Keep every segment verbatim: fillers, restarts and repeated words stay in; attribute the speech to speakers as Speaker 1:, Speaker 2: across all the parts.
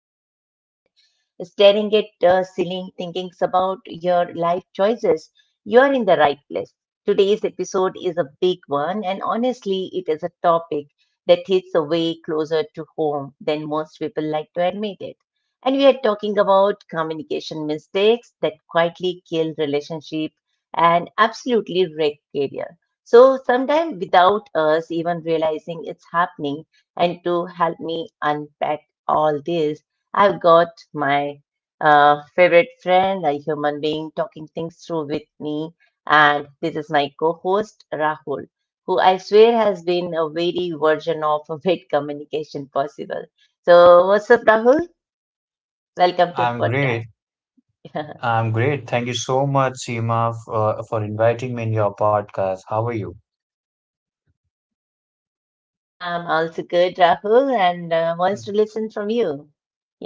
Speaker 1: Lying on your bed, staring at the ceiling, thinking about your life choices, you are in the right place. Today's episode is a big one, and honestly, it is a topic that hits way closer to home than most people like to admit it. And we are talking about communication mistakes that quietly kill relationship and absolutely wreck career. So sometimes without us even realizing it's happening. And to help me unpack all this, I've got my uh, favorite friend, a human being, talking things through with me. And this is my co-host Rahul, who I swear has been a very version of a bit communication possible. So what's up, Rahul? Welcome to the
Speaker 2: I'm
Speaker 1: podcast.
Speaker 2: great. I'm great. Thank you so much, Seema, f- uh, for inviting me in your podcast. How are you?
Speaker 1: Yeah, I'm also good, Rahul, and uh, wants to listen from you.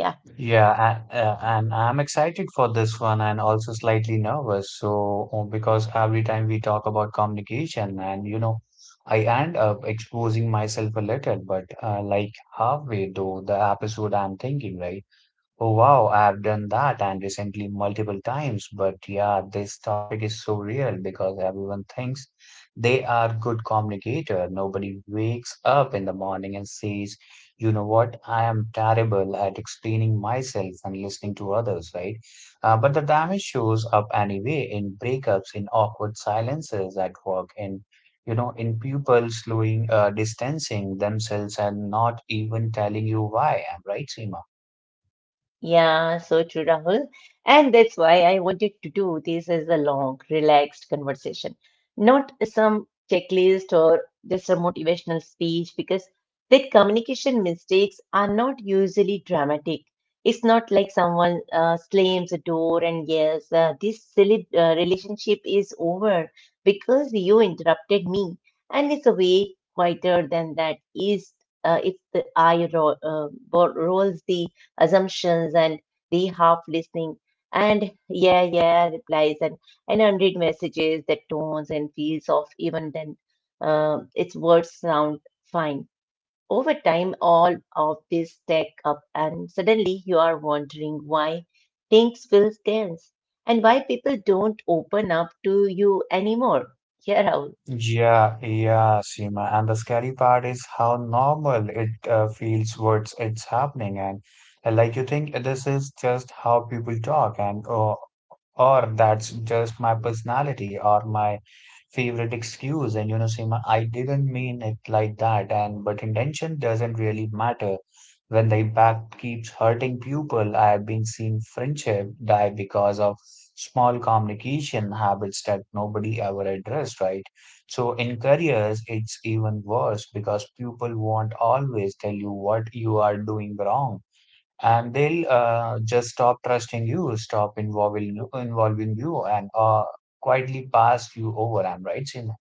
Speaker 1: Yeah.
Speaker 2: Yeah, a- uh, and I'm excited for this one and also slightly nervous. So, uh, because every time we talk about communication, and you know, I end up exposing myself a little, but uh, like halfway through the episode, I'm thinking, right? Oh wow, I've done that and recently multiple times. But yeah, this topic is so real because everyone thinks they are good communicator. Nobody wakes up in the morning and says, you know what, I am terrible at explaining myself and listening to others, right? Uh, but the damage shows up anyway in breakups, in awkward silences at work, in you know, in people slowing, uh, distancing themselves and not even telling you why. I'm right, Seema.
Speaker 1: Yeah, so true, Rahul. And that's why I wanted to do this as a long, relaxed conversation, not some checklist or just a motivational speech, because that communication mistakes are not usually dramatic. It's not like someone uh, slams the door and yells, uh, this silly uh, relationship is over because you interrupted me. And it's a way quieter than that is, uh, if the eye ro- uh, bo- rolls, the assumptions, and the half listening, and yeah, yeah replies, and, and unread messages that tones and feels of even then, uh, its words sound fine. Over time, all of this stack up, and suddenly you are wondering why things feel tense and why people don't open up to you anymore. Yeah, Rahul.
Speaker 2: Yeah, yeah, Seema. And the scary part is how normal it uh, feels what's it's happening, and uh, like you think this is just how people talk, and or or that's just my personality or my favorite excuse. And you know, Seema, I didn't mean it like that, and but intention doesn't really matter when the impact keeps hurting people. I have been seeing friendship die because of small communication habits that nobody ever addressed, right? So in careers, it's even worse because people won't always tell you what you are doing wrong, and they'll uh, just stop trusting you, stop involving you, involving you, and uh, quietly pass you over. I'm right, Seema?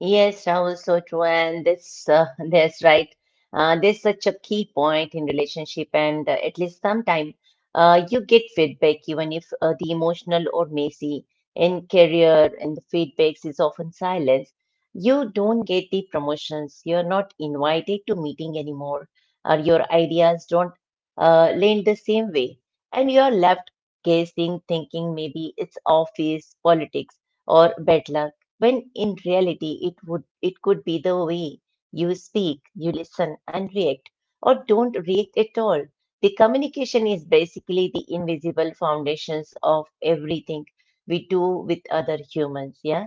Speaker 1: Yes, Rahul, so true. And this uh, that's right. Uh, there's such a key point in relationship, and uh, at least sometime uh, you get feedback, even if uh, the emotional or messy in career, and the feedbacks is often silence. You don't get the promotions. You're not invited to meeting anymore, or your ideas don't uh, land the same way, and you're left guessing, thinking maybe it's office politics or bad luck when in reality it would it could be the way you speak, you listen and react or don't react at all. The communication is basically the invisible foundations of everything we do with other humans. Yeah.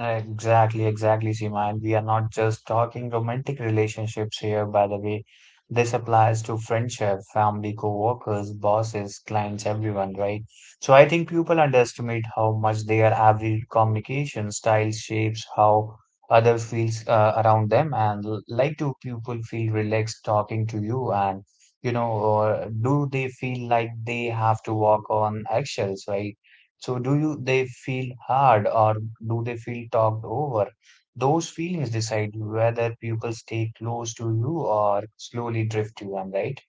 Speaker 2: Exactly, exactly, Seema. And we are not just talking romantic relationships here, by the way. This applies to friendship, family, co-workers, bosses, clients, everyone, right? So I think people underestimate how much their every communication style shapes how others feels uh, around them. And l- like, do people feel relaxed talking to you? And you know, or do they feel like they have to walk on eggshells, right? So do you they feel hard or do they feel talked over? Those feelings decide whether pupils stay close to you or slowly drift you, am I right?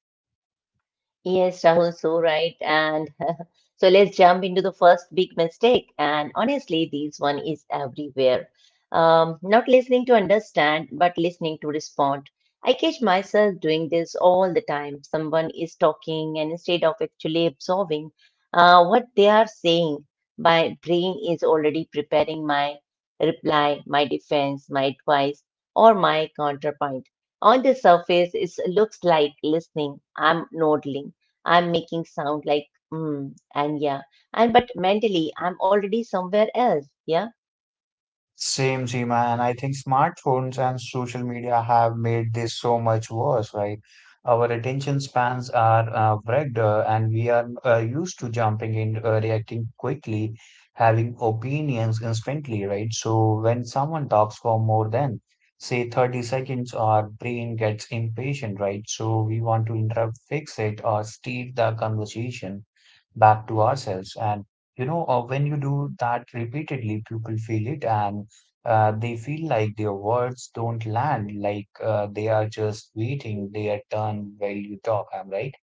Speaker 1: Yes, Rahul, so right. And So let's jump into the first big mistake. And honestly, this one is everywhere. Um, not listening to understand, but listening to respond. I catch myself doing this all the time. Someone is talking, and instead of actually absorbing uh, what they are saying, my brain is already preparing my reply, my defense, my advice, or my counterpoint. On the surface, it looks like listening. I'm nodding. I'm making sound like mm and yeah. And but mentally, I'm already somewhere else. Yeah.
Speaker 2: Same, same, and I think smartphones and social media have made this so much worse, right? Our attention spans are uh, wrecked, uh, and we are uh, used to jumping in, uh, reacting quickly, having opinions instantly, right? So when someone talks for more than, say, thirty seconds, our brain gets impatient, right? So we want to interrupt, fix it, or steer the conversation back to ourselves. And you know, uh, when you do that repeatedly, people feel it and uh, they feel like their words don't land, like uh, they are just waiting their turn while you talk. I'm right.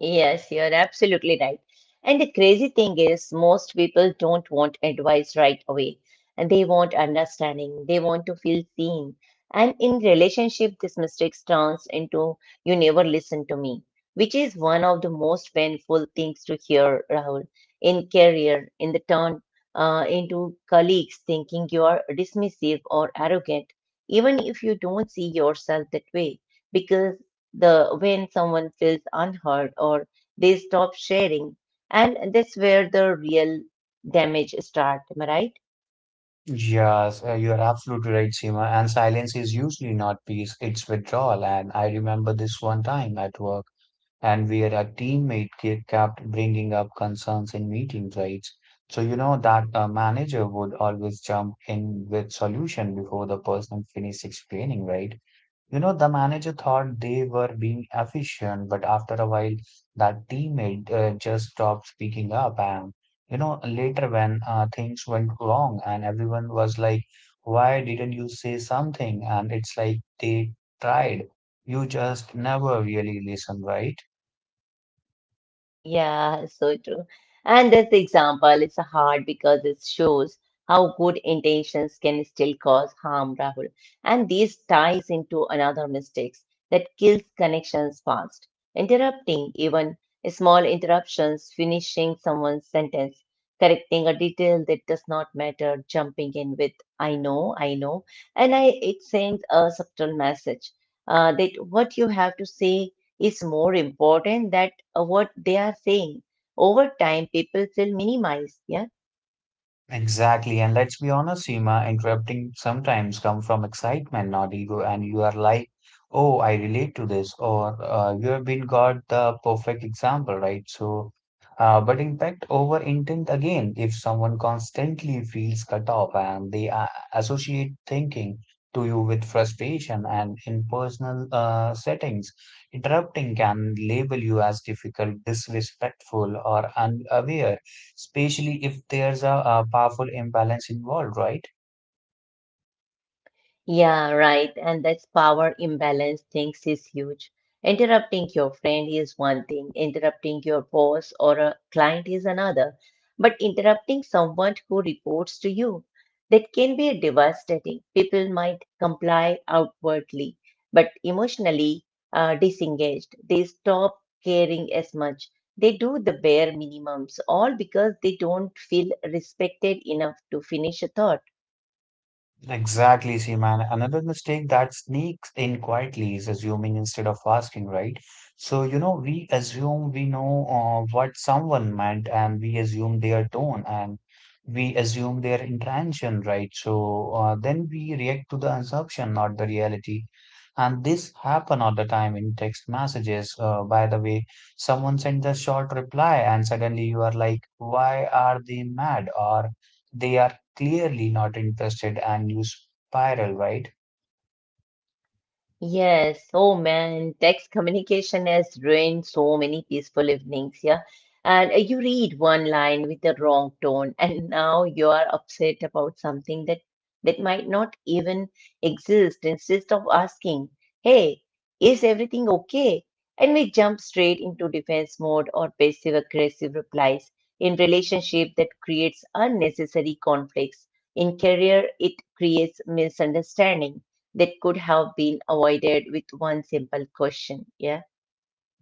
Speaker 1: Yes, you're absolutely right. And the crazy thing is, most people don't want advice right away. And they want understanding. They want to feel seen. And in relationship, this mistake turns into you never listen to me, which is one of the most painful things to hear, Rahul, in career, in the turn, uh, into colleagues thinking you are dismissive or arrogant, even if you don't see yourself that way. Because the when someone feels unheard, or they stop sharing, and that's where the real damage start, am I right?
Speaker 2: Yes, uh, you're absolutely right, Seema. And silence is usually not peace, it's withdrawal. And I remember this one time at work. And Where a teammate ke- kept bringing up concerns in meetings, right? So you know that a manager would always jump in with solution before the person finished explaining, right? You know, the manager thought they were being efficient, but after a while, that teammate uh, just stopped speaking up. And you know, later when uh, things went wrong and everyone was like, "Why didn't you say something?" And it's like they tried. You just never really listen, right?
Speaker 1: Yeah, so true. And this example is hard because it shows how good intentions can still cause harm, Rahul. And this ties into another mistakes that kills connections fast. Interrupting, even small interruptions, finishing someone's sentence, correcting a detail that does not matter, jumping in with I know, I know, and I it sends a subtle message, uh, that what you have to say is more important than uh, what they are saying. Over time, people will minimize. Yeah.
Speaker 2: Exactly. And let's be honest, Seema, interrupting sometimes come from excitement, not ego. And you are like, oh, I relate to this, or uh, you have been got the perfect example, right? So, uh, but impact over intent again, if someone constantly feels cut off and they uh, associate thinking to you with frustration and in personal uh, settings. Interrupting can label you as difficult, disrespectful, or unaware, especially if there's a, a powerful imbalance involved, right?
Speaker 1: Yeah, right. And that's power imbalance things is huge. Interrupting your friend is one thing, interrupting your boss or a client is another. But interrupting someone who reports to you, that can be devastating. People might comply outwardly, but emotionally, uh, disengaged. They stop caring as much. They do the bare minimums, all because they don't feel respected enough to finish a thought.
Speaker 2: Exactly, see, man. Another mistake that sneaks in quietly is assuming instead of asking, right? So, you know, we assume we know uh, what someone meant and we assume their tone and we assume their intention, right? So uh, then we react to the assumption, not the reality. And this happen all the time in text messages. Uh, by the way, someone sends a short reply and suddenly you are like, why are they mad? Or they are clearly not interested and you spiral, right?
Speaker 1: Yes, oh man, text communication has ruined so many peaceful evenings, yeah. And uh, you read one line with the wrong tone, and now you are upset about something that that might not even exist. Instead of asking, "Hey, is everything okay?" and we jump straight into defense mode or passive aggressive replies in relationship that creates unnecessary conflicts. In career, it creates misunderstanding that could have been avoided with one simple question. Yeah.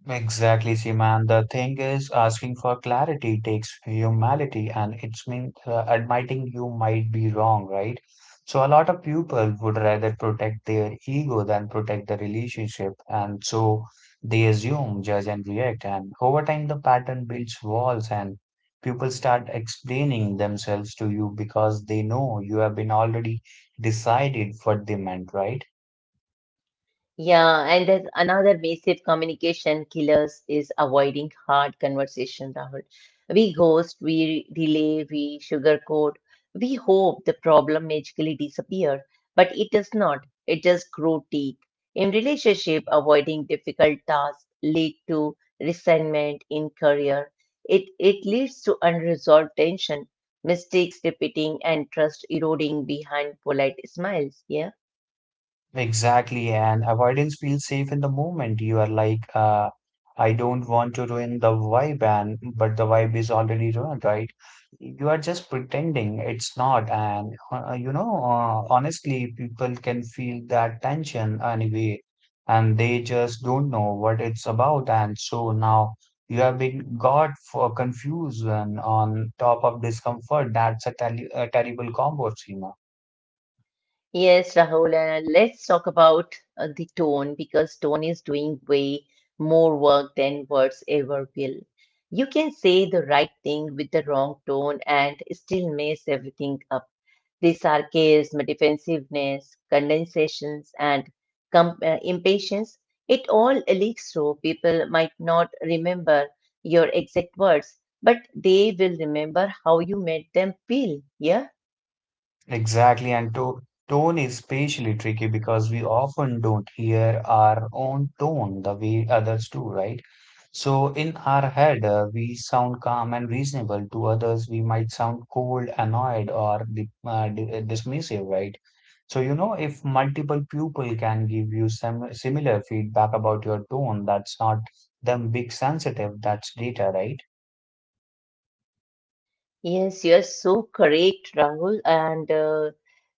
Speaker 2: Exactly, Seema. And the thing is, asking for clarity takes humility, and it's mean uh, admitting you might be wrong, right? So a lot of people would rather protect their ego than protect the relationship, and so they assume, judge, and react. And over time, the pattern builds walls, and people start explaining themselves to you because they know you have been already decided what they meant, right?
Speaker 1: Yeah, and there's another massive communication killers is avoiding hard conversation, Rahul. We ghost, we delay, we sugarcoat. We hope the problem magically disappear, but it does not. It just grow teeth. In relationship, avoiding difficult tasks lead to resentment in career. It it leads to unresolved tension, mistakes repeating, and trust eroding behind polite smiles. Yeah.
Speaker 2: Exactly, and avoidance feels safe in the moment. You are like, uh, I don't want to ruin the vibe, and but the vibe is already ruined, right? You are just pretending it's not, and uh, uh, you know, uh, honestly, people can feel that tension anyway, and they just don't know what it's about, and so now you have been got for confusion on top of discomfort. That's a, tell a terrible combo, Seema.
Speaker 1: Yes, Rahul, and uh, let's talk about uh, the tone, because tone is doing way more work than words ever will. You can say the right thing with the wrong tone and still mess everything up. The sarcasm, defensiveness, condensations, and com- uh, impatience, it all leaks through. People might not remember your exact words, but they will remember how you made them feel. Yeah.
Speaker 2: Exactly, and to tone is especially tricky because we often don't hear our own tone the way others do, right? So in our head, uh, we sound calm and reasonable. To others, we might sound cold, annoyed, or di- uh, di- uh, dismissive, right? So, you know, if multiple people can give you some similar feedback about your tone, that's not them big sensitive, that's data, right?
Speaker 1: Yes, you're so correct, Rahul. And uh,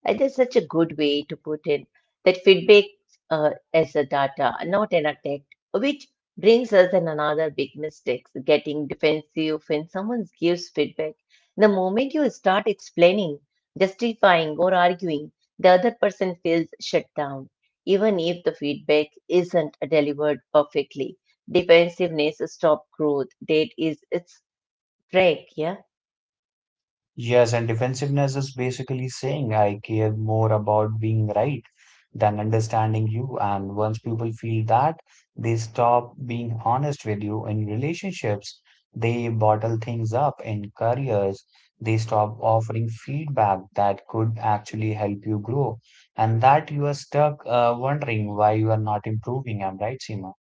Speaker 1: and that's such a good way to put it, that feedback, uh, as a data, not an attack, which brings us in another big mistake, getting defensive when someone gives feedback. The moment you start explaining, justifying, or arguing, the other person feels shut down, even if the feedback isn't delivered perfectly. Defensiveness stops growth. That is its break, yeah.
Speaker 2: Yes, and defensiveness is basically saying I care more about being right than understanding you. And once people feel that, they stop being honest with you in relationships. They bottle things up in careers. They stop offering feedback that could actually help you grow. And that you are stuck uh, wondering why you are not improving. I'm right, Seema.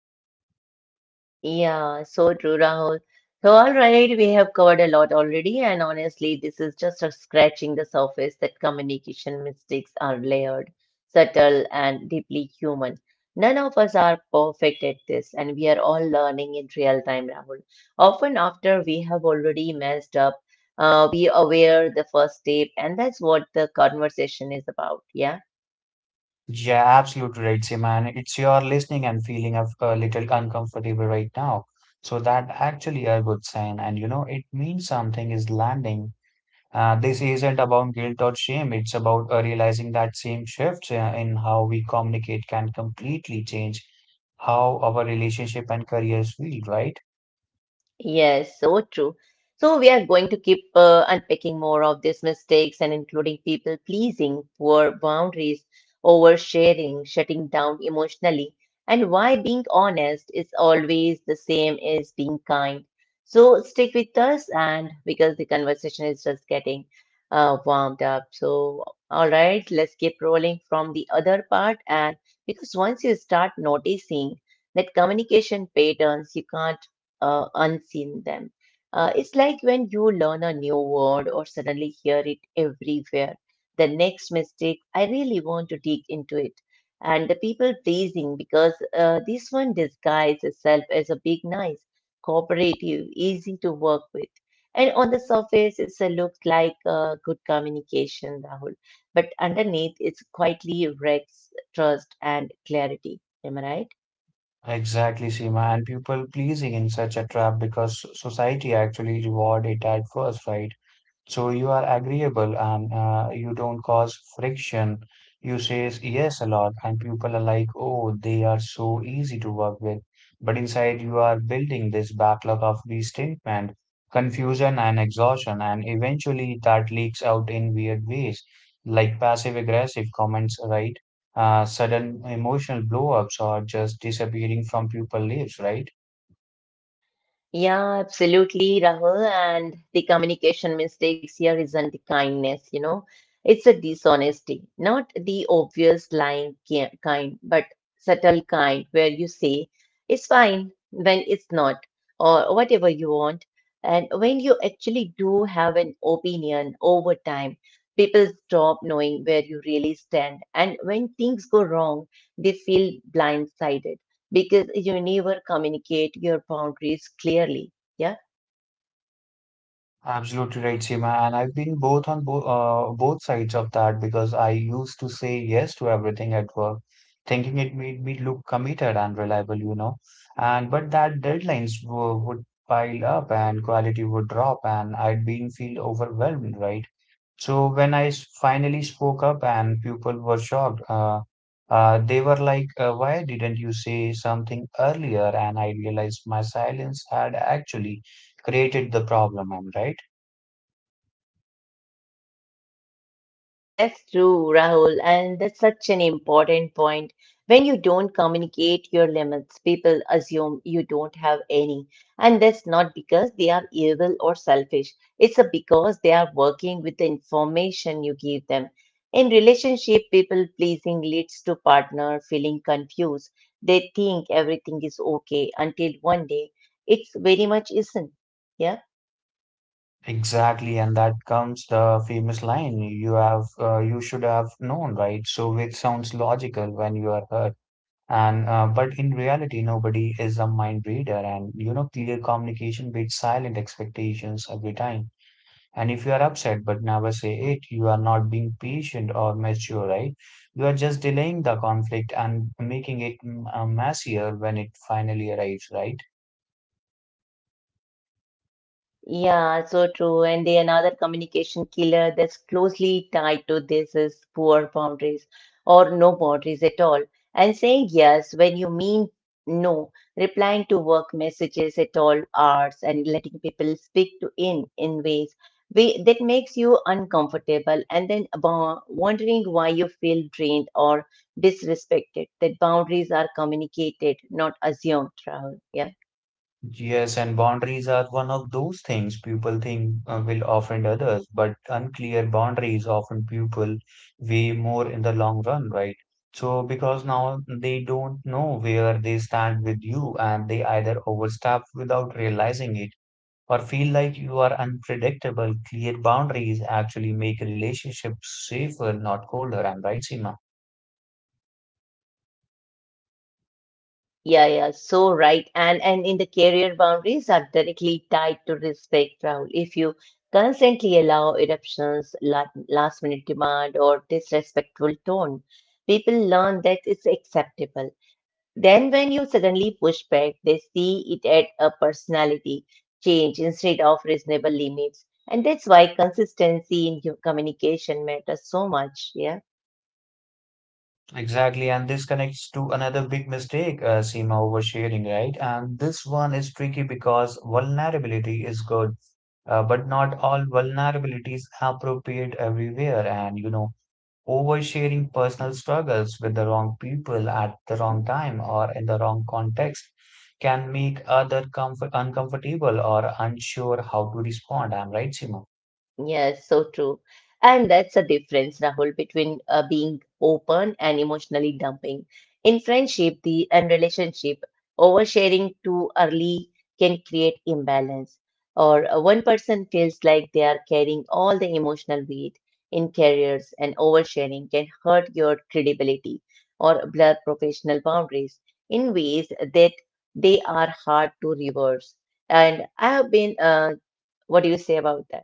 Speaker 1: Yeah, so true, Rahul. So, all right, we have covered a lot already, and honestly, this is just a scratching the surface that communication mistakes are layered, subtle, and deeply human. None of us are perfect at this, and we are all learning in real time, Rahul. Often, after we have already messed up, uh, we aware the first step, and that's what the conversation is about. Yeah.
Speaker 2: Yeah, absolutely right, Seema. And it's you're listening and feeling a, a little uncomfortable right now. So that actually a good sign. And you know, it means something is landing. Uh, this isn't about guilt or shame. It's about uh, realizing that same shifts uh, in how we communicate can completely change how our relationship and careers feel, right?
Speaker 1: Yes, so true. So we are going to keep uh, unpacking more of these mistakes and including people pleasing, poor boundaries, oversharing, shutting down emotionally, and why being honest is always the same as being kind. So stick with us, and because the conversation is just getting uh, warmed up. So all right, let's keep rolling from the other part, and because once you start noticing that communication patterns, you can't uh, unseen them. Uh, it's like when you learn a new word or suddenly hear it everywhere. The next mistake, I really want to dig into it. And the people pleasing, because uh, this one disguises itself as a big, nice, cooperative, easy to work with. And on the surface, it's a look like uh, good communication, Rahul. But underneath, it's quietly wrecks trust and clarity. Am I right?
Speaker 2: Exactly, Seema. And people pleasing in such a trap because society actually reward it at first, right? So you are agreeable and uh, you don't cause friction. You says yes a lot, and people are like, oh, they are so easy to work with. But inside, you are building this backlog of resentment, confusion, and exhaustion, and eventually that leaks out in weird ways, like passive aggressive comments, right? Uh, sudden emotional blow ups, or just disappearing from people lives, right?
Speaker 1: Yeah, absolutely, Rahul. And the communication mistakes here isn't the kindness, you know, it's a dishonesty, not the obvious lying ki- kind, but subtle kind where you say it's fine when it's not, or whatever you want. And when you actually do have an opinion, over time, people stop knowing where you really stand. And when things go wrong, they feel blindsided because you never communicate your boundaries clearly. Yeah,
Speaker 2: Absolutely right, Seema. And I've been both on bo uh, both sides of that because I used to say yes to everything at work, thinking it made me look committed and reliable, you know. And but that deadlines w would pile up and quality would drop, and I'd been feel overwhelmed, right? So when I s- finally spoke up and people were shocked, uh, uh, they were like, uh, "Why didn't you say something earlier?" And I realized my silence had actually created the problem, am I right?
Speaker 1: that's true, Rahul. And that's such an important point. When you don't communicate your limits, people assume you don't have any. And that's not because they are evil or selfish, it's a because they are working with the information you give them. In relationship, people pleasing leads to partner feeling confused. They think everything is okay until one day it's very much isn't. Yeah.
Speaker 2: Exactly, and that comes the famous line you have uh, you should have known, right? So which sounds logical when you are heard, and uh, but in reality, nobody is a mind reader, and you know, clear communication beats silent expectations every time. And if you are upset but never say it, you are not being patient or mature, right? You are just delaying the conflict and making it mm, uh, messier when it finally arrives, right?
Speaker 1: Yeah, so true. And the another communication killer that's closely tied to this is poor boundaries or no boundaries at all. And saying yes when you mean no, replying to work messages at all hours, and letting people speak to in in ways we, that makes you uncomfortable, and then about wondering why you feel drained or disrespected. That boundaries are communicated, not assumed, Rahul. Yeah.
Speaker 2: Yes, and boundaries are one of those things people think uh, will offend others, but unclear boundaries often people way more in the long run, right? So, because now they don't know where they stand with you, and they either overstep without realizing it or feel like you are unpredictable. Clear boundaries actually make relationships safer, not colder. I'm right, Seema?
Speaker 1: Yeah, yeah, so right. And and in the career, boundaries are directly tied to respect, Rahul. If you constantly allow eruptions, la- last minute demand, or disrespectful tone, people learn that it's acceptable. Then when you suddenly push back, they see it at a personality change instead of reasonable limits. And that's why consistency in your communication matters so much. Yeah.
Speaker 2: Exactly, and this connects to another big mistake, uh, Seema oversharing, right? And this one is tricky because vulnerability is good, uh, but not all vulnerability is appropriate everywhere. And you know, oversharing personal struggles with the wrong people at the wrong time or in the wrong context can make other comfort uncomfortable or unsure how to respond. I'm right, Seema?
Speaker 1: Yes, so true. And that's the difference, Rahul, between uh, being open and emotionally dumping. In friendship, the and relationship, oversharing too early can create imbalance, or uh, one person feels like they are carrying all the emotional weight in careers, and oversharing can hurt your credibility or blur professional boundaries in ways that they are hard to reverse. And I have been, uh, what do you say about that?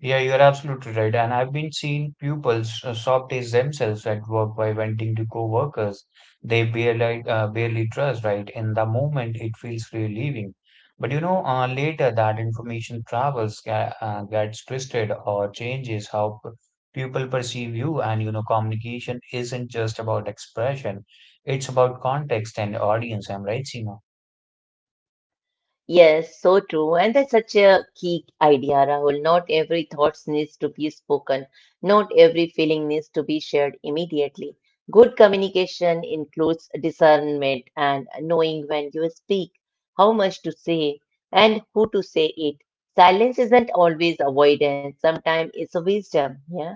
Speaker 2: Yeah, you are absolutely right. And I've been seeing pupils uh, shortage themselves at work by venting to co-workers they barely uh, barely trust, right? In the moment, it feels relieving. But you know, uh, later that information travels, ga- uh, gets twisted or changes how p- people perceive you. And you know, communication isn't just about expression; it's about context and audience. I'm right, Seema?
Speaker 1: Yes, so true. And that's such a key idea, Rahul. Not every thought needs to be spoken. Not every feeling needs to be shared immediately. Good communication includes discernment and knowing when you speak, how much to say, and who to say it. Silence isn't always avoidance, sometimes it's a wisdom. Yeah.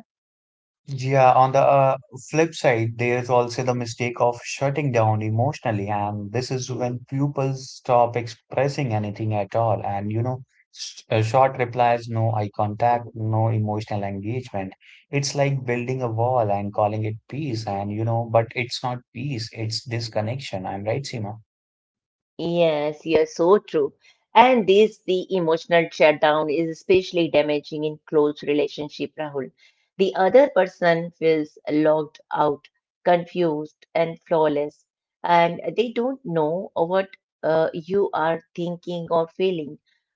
Speaker 2: Yeah, on the uh, flip side, there's also the mistake of shutting down emotionally, and this is when pupils stop expressing anything at all. And you know, sh uh, short replies, no eye contact, no emotional engagement. It's like building a wall and calling it peace, and you know, but it's not peace, it's disconnection. I'm right, Seema?
Speaker 1: Yes, yes, so true. And this, the emotional shutdown is especially damaging in close relationship, Rahul. The other person feels locked out, confused, and flawless, and they don't know what uh, you are thinking or feeling.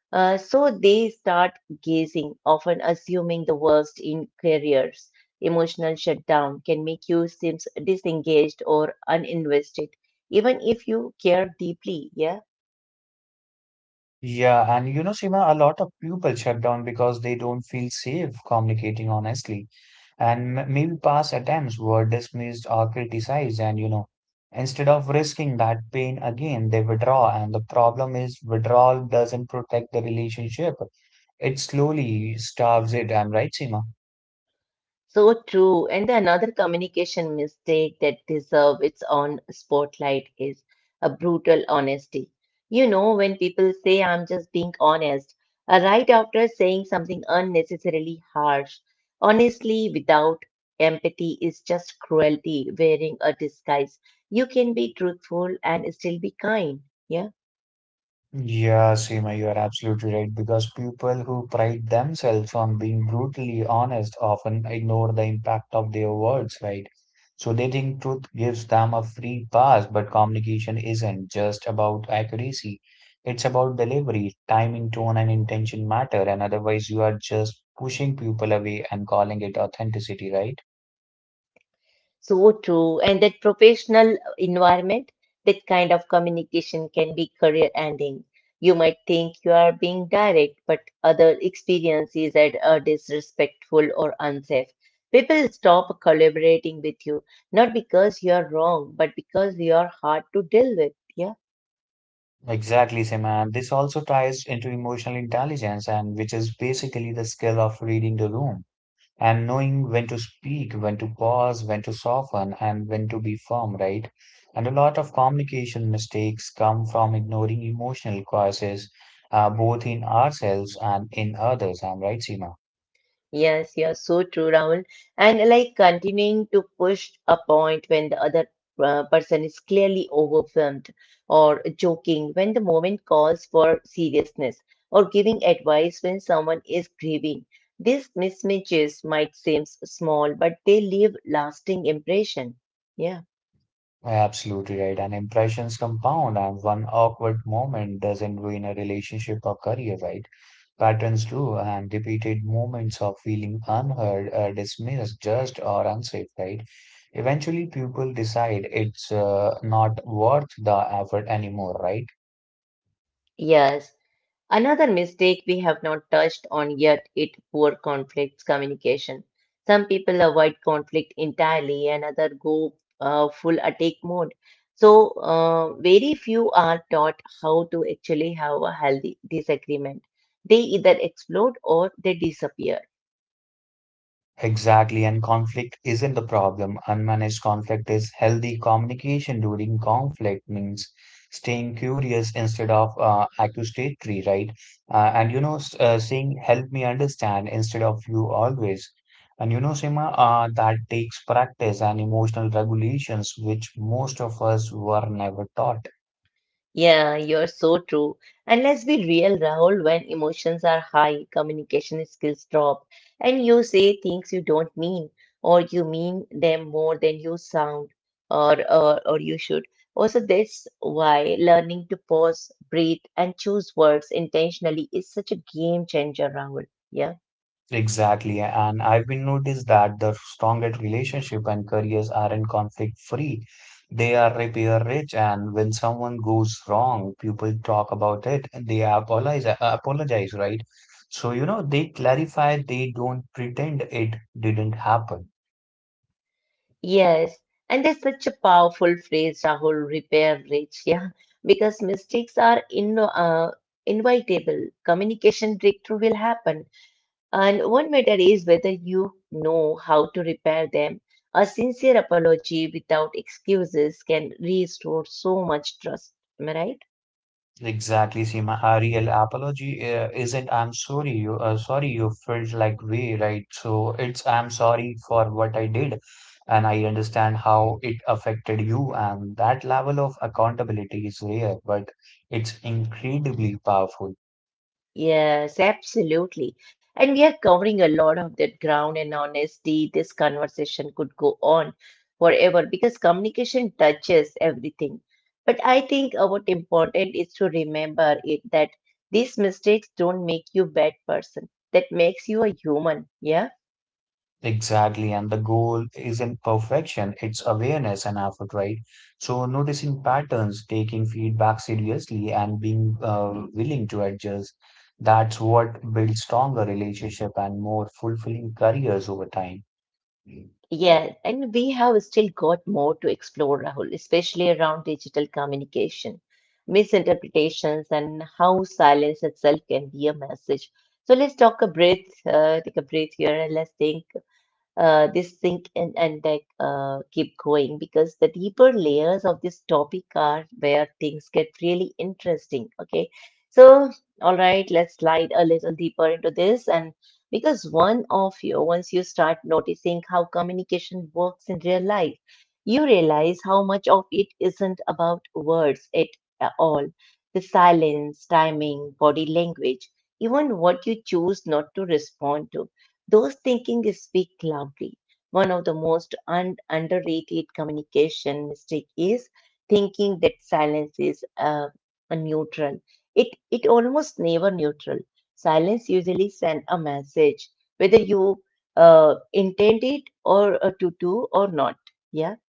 Speaker 1: Uh, so they start guessing, often assuming the worst in careers. Emotional shutdown can make you seem disengaged or uninvested even if you care deeply. Yeah.
Speaker 2: Yeah, and you know, Seema, a lot of pupils shut down because they don't feel safe communicating honestly. And m- maybe past attempts were dismissed or criticized, and you know, instead of risking that pain again, they withdraw. And the problem is, withdrawal doesn't protect the relationship, it slowly starves it. I'm right, Seema?
Speaker 1: So true. And another communication mistake that deserves its own spotlight is a brutal honesty. You know, when people say, I'm just being honest, uh, right after saying something unnecessarily harsh, honestly, without empathy is just cruelty wearing a disguise. You can be truthful and still be kind. Yeah.
Speaker 2: Yeah, Seema, you are absolutely right because people who pride themselves on being brutally honest often ignore the impact of their words, right? So they think truth gives them a free pass, but communication isn't just about accuracy. It's about delivery, timing, tone, and intention matter, and otherwise you are just pushing people away and calling it authenticity, right?
Speaker 1: So true. And that professional environment, that kind of communication can be career ending. You might think you are being direct, but other experience is that are disrespectful or unsafe. People stop collaborating with you, not because you are wrong, but because you are hard to deal with. Yeah?
Speaker 2: Exactly, Seema. This also ties into emotional intelligence, and which is basically the skill of reading the room and knowing when to speak, when to pause, when to soften, and when to be firm, right? And a lot of communication mistakes come from ignoring emotional causes, uh, both in ourselves and in others. I'm right, Seema?
Speaker 1: Yes, yes, so true, Rahul. And like continuing to push a point when the other uh, person is clearly overwhelmed or joking when the moment calls for seriousness or giving advice when someone is grieving. These mismatches might seem small, but they leave lasting impression. Yeah.
Speaker 2: Yeah, absolutely right. And impressions compound, and one awkward moment doesn't ruin a relationship or career, right? Patterns do, and repeated moments of feeling unheard, uh, dismissed, judged, or unsafe, right? Eventually, people decide it's uh, not worth the effort anymore, right?
Speaker 1: Yes. Another mistake we have not touched on yet is poor conflict communication. Some people avoid conflict entirely and others go uh, full attack mode. So, uh, very few are taught how to actually have a healthy disagreement. They either explode or they disappear.
Speaker 2: Exactly, and conflict isn't the problem. Unmanaged conflict is. Healthy communication during conflict means staying curious instead of uh, accusatory, right? Uh, and you know, s- uh, saying help me understand instead of you always. And you know, Sima, uh, that takes practice and emotional regulations, which most of us were never taught.
Speaker 1: Yeah, you're so true. And let's be real, Rahul, when emotions are high, communication skills drop, and you say things you don't mean, or you mean them more than you sound, or or, or you should. Also, that's why learning to pause, breathe, and choose words intentionally is such a game changer, Rahul. Yeah.
Speaker 2: Exactly, and I've been noticed that the strongest relationship and careers aren't conflict free. They are repair rich, and when someone goes wrong, people talk about it and they apologize, apologize, right? So, you know, they clarify, they don't pretend it didn't happen.
Speaker 1: Yes, and that's such a powerful phrase, Rahul, repair rich, yeah, because mistakes are in, uh, inevitable. Communication breakthrough will happen. And one matter is whether you know how to repair them. A sincere apology without excuses can restore so much trust. Am I right?
Speaker 2: Exactly, Seema. A real apology uh, isn't "I'm sorry you uh, sorry you felt like way," right? So it's "I'm sorry for what I did, and I understand how it affected you." And that level of accountability is rare, but it's incredibly powerful.
Speaker 1: Yes, absolutely. And we are covering a lot of that ground and honestly, this conversation could go on forever because communication touches everything. But I think uh, what important is to remember it that these mistakes don't make you bad person. That makes you a human. Yeah.
Speaker 2: Exactly, and the goal isn't perfection, it's awareness and effort, right? So, noticing patterns, taking feedback seriously, and being uh, willing to adjust, that's what builds stronger relationship and more fulfilling careers over time.
Speaker 1: Yeah, and we have still got more to explore, Rahul, especially around digital communication, misinterpretations, and how silence itself can be a message. So let's talk a breath, uh, take a breath here, and let's think uh, this sink in and like uh, keep going because the deeper layers of this topic are where things get really interesting. Okay, so all right, let's slide a little deeper into this, and because one of you, once you start noticing how communication works in real life, you realize how much of it isn't about words at uh, all. The silence, timing, body language, even what you choose not to respond to those thinking is speak loudly. One of the most un- underrated communication mistake is thinking that silence is uh, a neutral. It it almost never neutral. Silence usually send a message whether you uh, intend it or uh, to do or not. Yeah.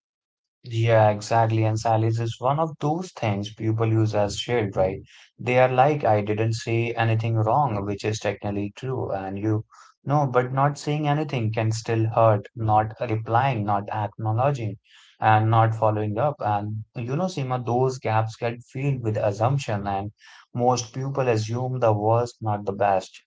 Speaker 2: Yeah, exactly. And silence is one of those things people use as shield, right? They are like, I didn't say anything wrong, which is technically true. And you no, but not saying anything can still hurt, not replying, not acknowledging, and not following up. And you know, Seema, those gaps get filled with assumption, and most people assume the worst, not the best.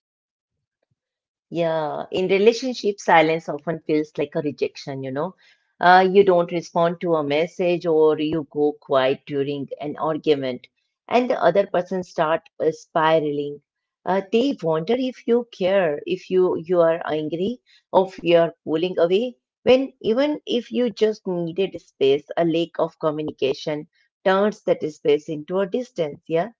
Speaker 1: Yeah, in relationship, silence often feels like a rejection, you know. Uh, you don't respond to a message or you go quiet during an argument, and the other person start uh, spiraling. Uh, they wonder if you care, if you you are angry, or if you are pulling away. When even if you just needed space, a lack of communication turns that space into a distance. Yeah.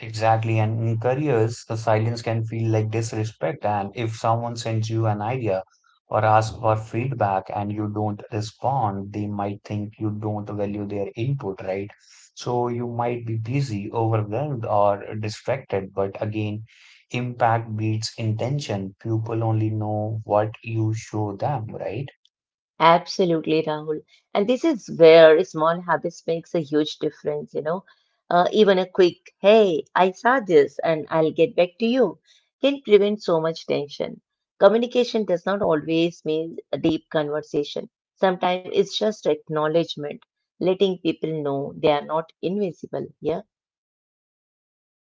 Speaker 2: Exactly, and in careers, the silence can feel like disrespect. And if someone sends you an idea or asks for feedback and you don't respond, they might think you don't value their input, right? So you might be busy, overwhelmed, or distracted. But again, impact beats intention. People only know what you show them, right?
Speaker 1: Absolutely, Rahul. And this is where small habits makes a huge difference, you know. Uh, even a quick, hey, I saw this and I'll get back to you can prevent so much tension. Communication does not always mean a deep conversation. Sometimes it's just acknowledgement, letting people know they are not invisible. Yeah.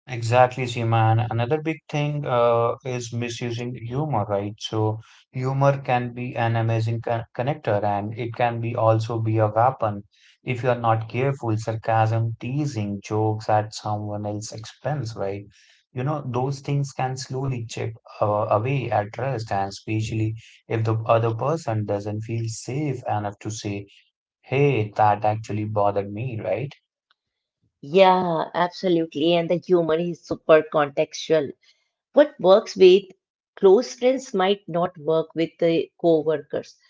Speaker 2: Exactly, Seema. And another big thing uh, is misusing humor, right? So humor can be an amazing con connector, and it can be also be a weapon if you are not careful. Sarcasm, teasing, jokes at someone else's expense, right? You know, those things can slowly chip uh, away at trust, and especially if the other person doesn't feel safe enough to say, hey, that actually bothered me, right?
Speaker 1: Yeah, absolutely. And the humor is super contextual. What works with close friends might not work with the co-workers.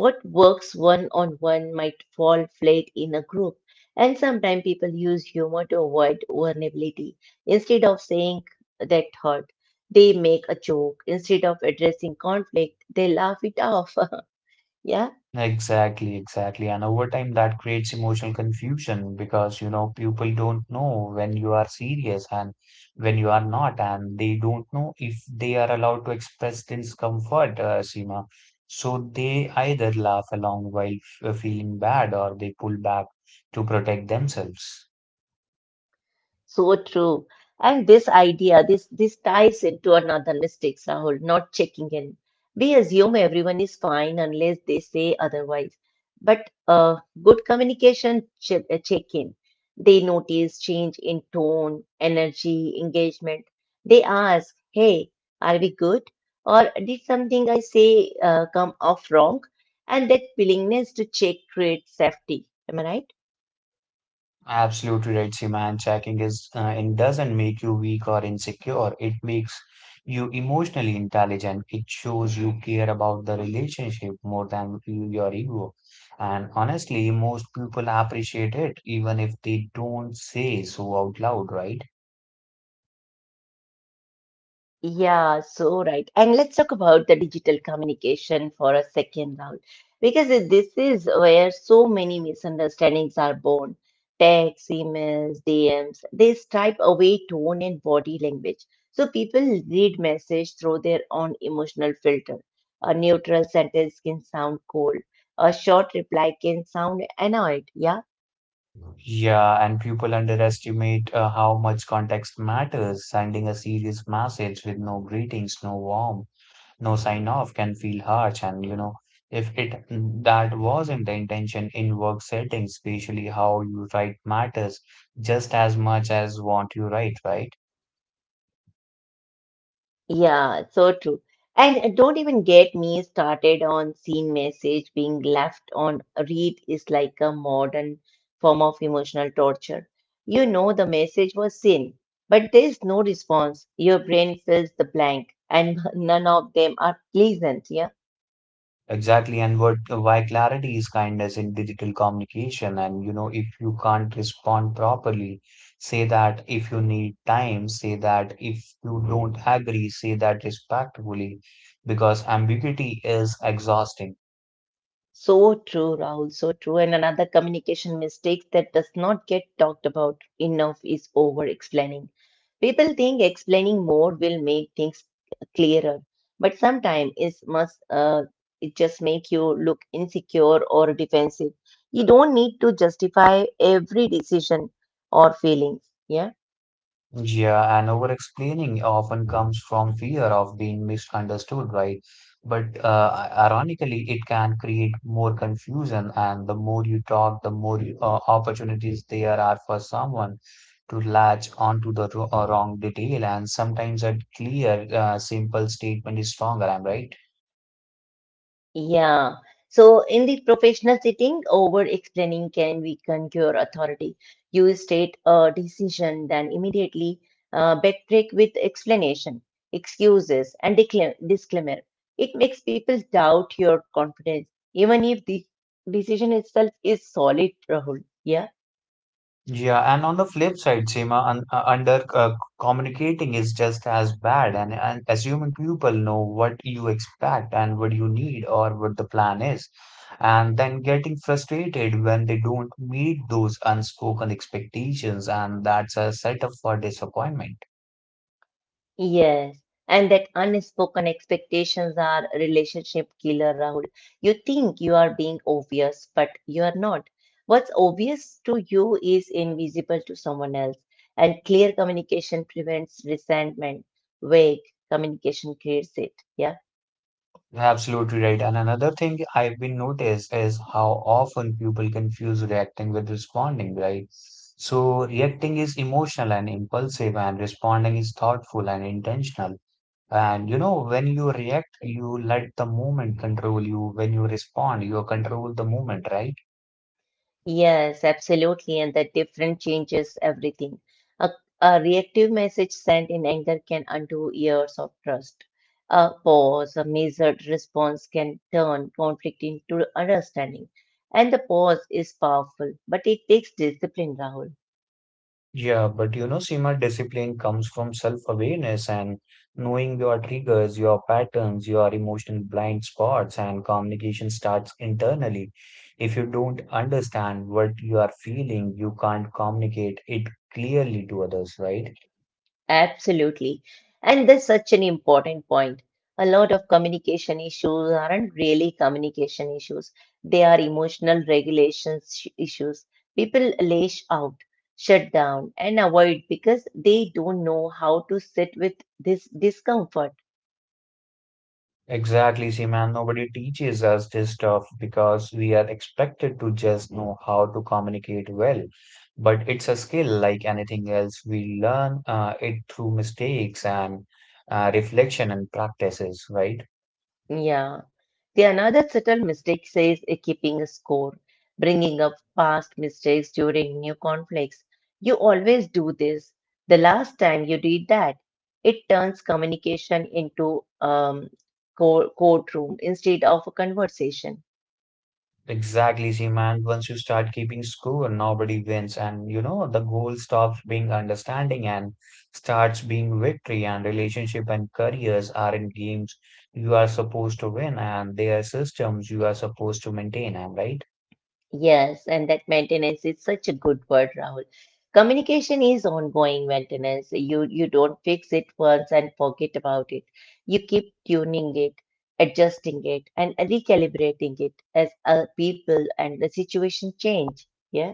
Speaker 1: What works one-on-one might fall flat in a group. And sometimes people use humor to avoid vulnerability. Instead of saying that hurt, they make a joke. Instead of addressing conflict, they laugh it off. Yeah.
Speaker 2: Exactly, exactly. And over time, that creates emotional confusion because, you know, people don't know when you are serious and when you are not, and they don't know if they are allowed to express discomfort, uh, Seema. So they either laugh along while f- feeling bad or they pull back to protect themselves.
Speaker 1: So true. And this idea, this this ties into another mistake, Rahul, not checking in. We assume everyone is fine unless they say otherwise. But uh, good communication che check in. They notice change in tone, energy, engagement. They ask, "Hey, are we good? Or did something I say uh, come off wrong?" And that willingness to check creates safety. Am I right?
Speaker 2: Absolutely right, Seema. And checking is uh, it doesn't make you weak or insecure. It makes you emotionally intelligent. It shows you care about the relationship more than you- your ego. And honestly, most people appreciate it, even if they don't say so out loud, right?
Speaker 1: Yeah, so right. And let's talk about the digital communication for a second round because i- this is where so many misunderstandings are born. Texts, emails, D Ms, they stripe away tone and body language. So people read message through their own emotional filter. A neutral sentence can sound cold. A short reply can sound annoyed. Yeah.
Speaker 2: Yeah, and people underestimate uh, how much context matters. Sending a serious message with no greetings, no warmth, no sign off can feel harsh, and you know if it that wasn't the intention. In work settings especially, how you write matters just as much as what you write, right?
Speaker 1: Yeah, it's so true. And uh, don't even get me started on scene message being left on read is like a modern form of emotional torture. You know the message was seen, but there's no response. Your brain fills the blank, and none of them are pleasant. Yeah.
Speaker 2: Exactly, and what why, clarity is kindness in digital communication. And you know if you can't respond properly, say that. If you need time, say that. If you don't agree, say that respectfully, because ambiguity is exhausting.
Speaker 1: So true, Rahul. So true. And another communication mistake that does not get talked about enough is over explaining. People think explaining more will make things clearer, but sometimes it must uh, it just make you look insecure or defensive. You don't need to justify every decision or feeling. Yeah.
Speaker 2: Yeah, and over explaining often comes from fear of being misunderstood, right? But uh, ironically, it can create more confusion, and the more you talk, the more you- uh, opportunities there are for someone to latch onto the ro- uh, wrong detail. And sometimes a clear, uh, simple statement is stronger, I'm right?
Speaker 1: Yeah. So in the professional setting, over explaining can weaken your authority. You state a decision, then immediately uh, backtrack with explanation, excuses, and decla- disclaimer. It makes people doubt your confidence, even if the decision itself is solid, Rahul. Yeah.
Speaker 2: Yeah, and on the flip side, Seema, un uh, under uh, communicating is just as bad, and, and assuming people know what you expect and what you need or what the plan is, and then getting frustrated when they don't meet those unspoken expectations, and that's a setup for disappointment.
Speaker 1: Yes, and that unspoken expectations are relationship killer, Rahul. You think you are being obvious, but you are not. What's obvious to you is invisible to someone else, and clear communication prevents resentment. Vague communication creates it. Yeah.
Speaker 2: Absolutely right. And another thing I've been noticed is how often people confuse reacting with responding, right? So reacting is emotional and impulsive, and responding is thoughtful and intentional. And you know, when you react, you let the moment control you. When you respond, you control the moment, right?
Speaker 1: Yes, absolutely. And the different changes everything. A, a reactive message sent in anger can undo years of trust. A pause, a measured response can turn conflict into understanding. And the pause is powerful, but it takes discipline, Rahul.
Speaker 2: Yeah, but you know, Seema, discipline comes from self-awareness and knowing your triggers, your patterns, your emotional blind spots, and communication starts internally. If you don't understand what you are feeling, you can't communicate it clearly to others, right?
Speaker 1: Absolutely. And that's such an important point. A lot of communication issues aren't really communication issues, they are emotional regulations sh- issues. People lash out, shut down, and avoid because they don't know how to sit with this discomfort.
Speaker 2: Exactly, Seema. Nobody teaches us this stuff because we are expected to just know how to communicate well. But it's a skill like anything else. We learn uh, it through mistakes and uh, reflection and practices, right?
Speaker 1: Yeah. The another subtle mistake says uh, keeping a score, bringing up past mistakes during new conflicts. You always do this. The last time you did that, it turns communication into um, co courtroom instead of a conversation.
Speaker 2: Exactly, see, man. Once you start keeping score, nobody wins, and you know the goal stops being understanding and starts being victory. And relationship and careers are in games you are supposed to win, and they are systems you are supposed to maintain. Am I right?
Speaker 1: Yes, and that maintenance is such a good word, Rahul. Communication is ongoing maintenance. You you don't fix it once and forget about it. You keep tuning it, adjusting it, and recalibrating it as uh, people and the situation change. Yeah.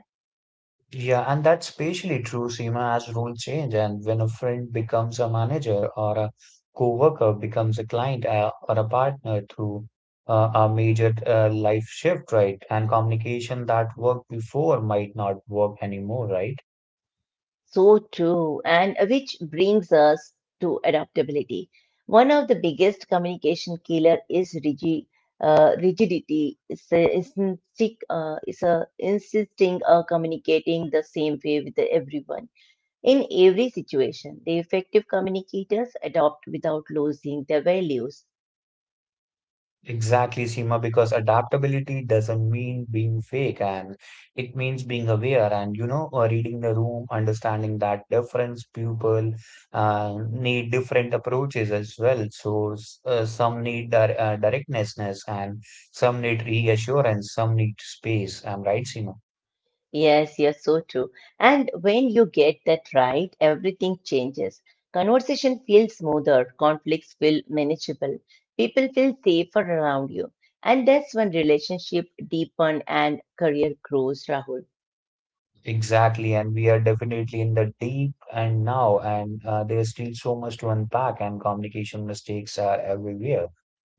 Speaker 2: Yeah, and that's especially true, Seema, as roles change. And when a friend becomes a manager or a coworker becomes a client uh, or a partner through uh, a major uh, life shift, right? And communication that worked before might not work anymore, right?
Speaker 1: So true, and which brings us to adaptability. One of the biggest communication killer is rigid, uh, rigidity. It's, a, it's, instinct, uh, it's a insisting or communicating the same way with everyone. In every situation, the effective communicators adopt without losing their values.
Speaker 2: Exactly, Seema, because adaptability doesn't mean being fake, and it means being aware and, you know, uh, reading the room, understanding that different people uh, need different approaches as well. So, s- uh, some need dir- uh, directness, and some need reassurance, some need space. I'm right, Seema?
Speaker 1: Yes, yes, so true. And when you get that right, everything changes. Conversation feels smoother, conflicts feel manageable, people feel safer around you. And that's when relationship deepen and career grows, Rahul.
Speaker 2: Exactly, and we are definitely in the deep and now, and uh, there's still so much to unpack, and communication mistakes are everywhere.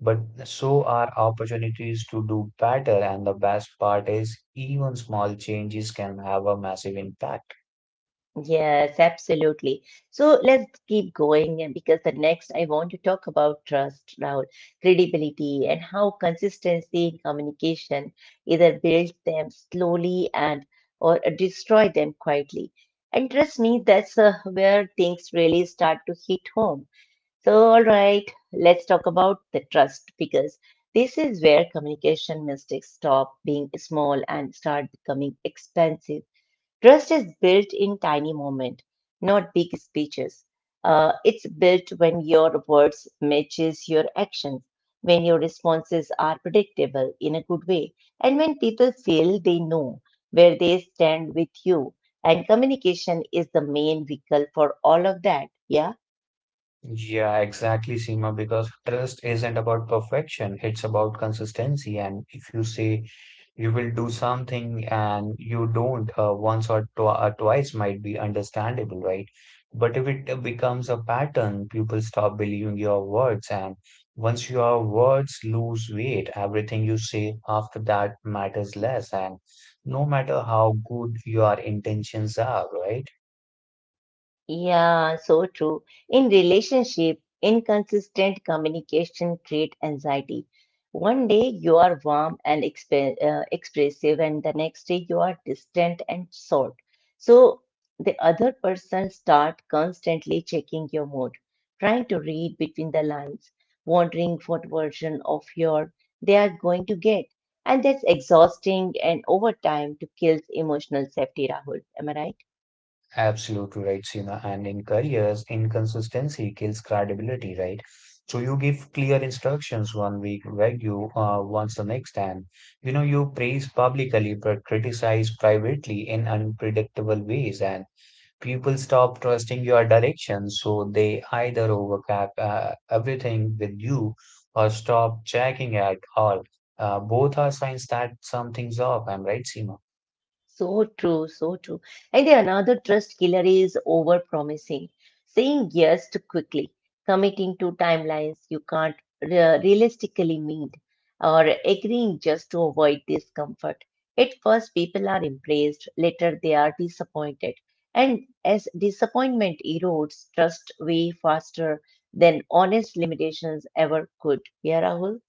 Speaker 2: But so are opportunities to do better, and the best part is, even small changes can have a massive impact.
Speaker 1: Yes, absolutely. So let's keep going and because the next I want to talk about trust, Rahul, credibility, and how consistency in communication either builds them slowly and or destroy them quietly. And trust me, that's uh, where things really start to hit home. So, all right, let's talk about the trust because this is where communication mistakes stop being small and start becoming expensive. Trust is built in tiny moments, not big speeches. Uh, it's built when your words matches your actions, when your responses are predictable in a good way, and when people feel they know where they stand with you. And communication is the main vehicle for all of that. Yeah.
Speaker 2: Yeah, exactly, Seema, because trust isn't about perfection, it's about consistency. And if you say you will do something and you don't, uh, once or, tw or twice might be understandable, right? But if it uh, becomes a pattern, people stop believing your words. And once your words lose weight, everything you say after that matters less. And no matter how good your intentions are, right?
Speaker 1: Yeah, so true. In relationship, inconsistent communication create anxiety. One day you are warm and exp uh, expressive, and the next day you are distant and short. So the other person start constantly checking your mood, trying to read between the lines, wondering what version of your they are going to get. And that's exhausting and over time to kills emotional safety, Rahul. Am I right?
Speaker 2: Absolutely right, Seema. And in careers, inconsistency kills credibility, right? So you give clear instructions one week, right? You uh, once the next time. You know, you praise publicly but criticize privately in unpredictable ways, and people stop trusting your direction. So they either overcap uh, everything with you or stop checking at all. Uh, both are signs that something's off. I'm right, Seema?
Speaker 1: So true, so true. And the another trust killer is overpromising, saying yes too quickly, committing to timelines you can't re- realistically meet, or agreeing just to avoid discomfort. At first, people are embraced, later, they are disappointed. And as disappointment erodes trust way faster than honest limitations ever could. Yeah, Rahul?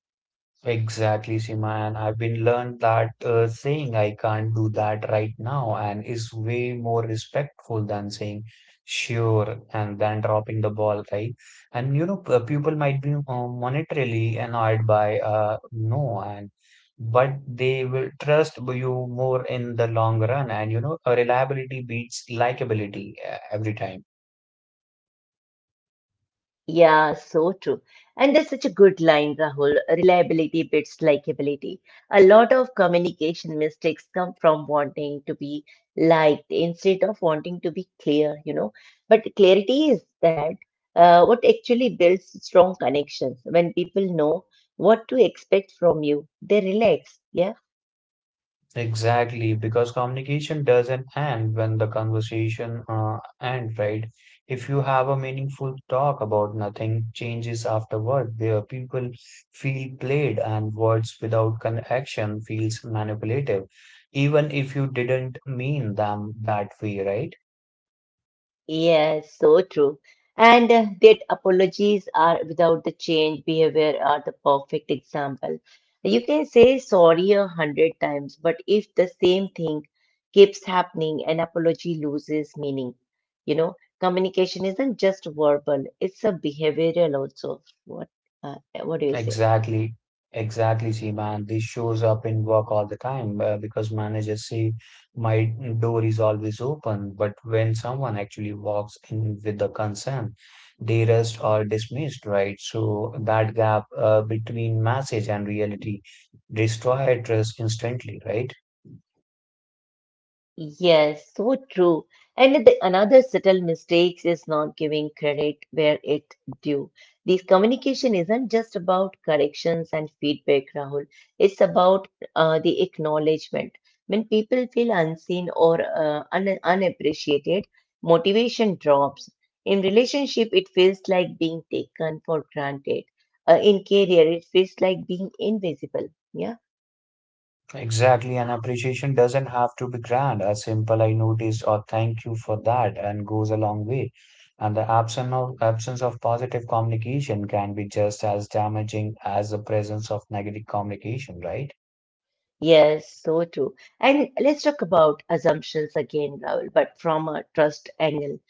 Speaker 2: Exactly, Seema, and I've been learned that uh, saying I can't do that right now and is way more respectful than saying sure and then dropping the ball, right? And you know, p- people might be uh, monetarily annoyed by uh, no, and but they will trust you more in the long run, and you know, reliability beats likability uh, every time.
Speaker 1: Yeah, so true. And there's such a good line, Rahul. Reliability beats likability. A lot of communication mistakes come from wanting to be liked instead of wanting to be clear, you know. But clarity is that uh, what actually builds strong connections. When people know what to expect from you, they relax. Yeah.
Speaker 2: Exactly, because communication doesn't end when the conversation uh, ends, right? If you have a meaningful talk about nothing changes afterward, where people feel played and words without connection feels manipulative, even if you didn't mean them that way, right?
Speaker 1: Yes, so true. And uh, that apologies are without the change behavior are the perfect example. You can say sorry a hundred times, but if the same thing keeps happening, an apology loses meaning. You know, Communication isn't just verbal, it's a behavioral also. What uh, what do you say?
Speaker 2: Exactly, exactly. See, man, this shows up in work all the time uh, because managers say my door is always open, but when someone actually walks in with the concern, they rest or dismissed, right? So that gap uh, between message and reality destroy trust instantly, right?
Speaker 1: Yes, so true. And the, another subtle mistake is not giving credit where it due. This communication isn't just about corrections and feedback, Rahul. It's about uh, the acknowledgement. When people feel unseen or uh, un unappreciated, motivation drops. In relationship, it feels like being taken for granted. Uh, in career, it feels like being invisible. Yeah.
Speaker 2: Exactly, and appreciation doesn't have to be grand. A simple I noticed or thank you for that and goes a long way. And the absence of absence of positive communication can be just as damaging as the presence of negative communication, right?
Speaker 1: Yes, so true. And let's talk about assumptions again, Rahul, but from a trust angle.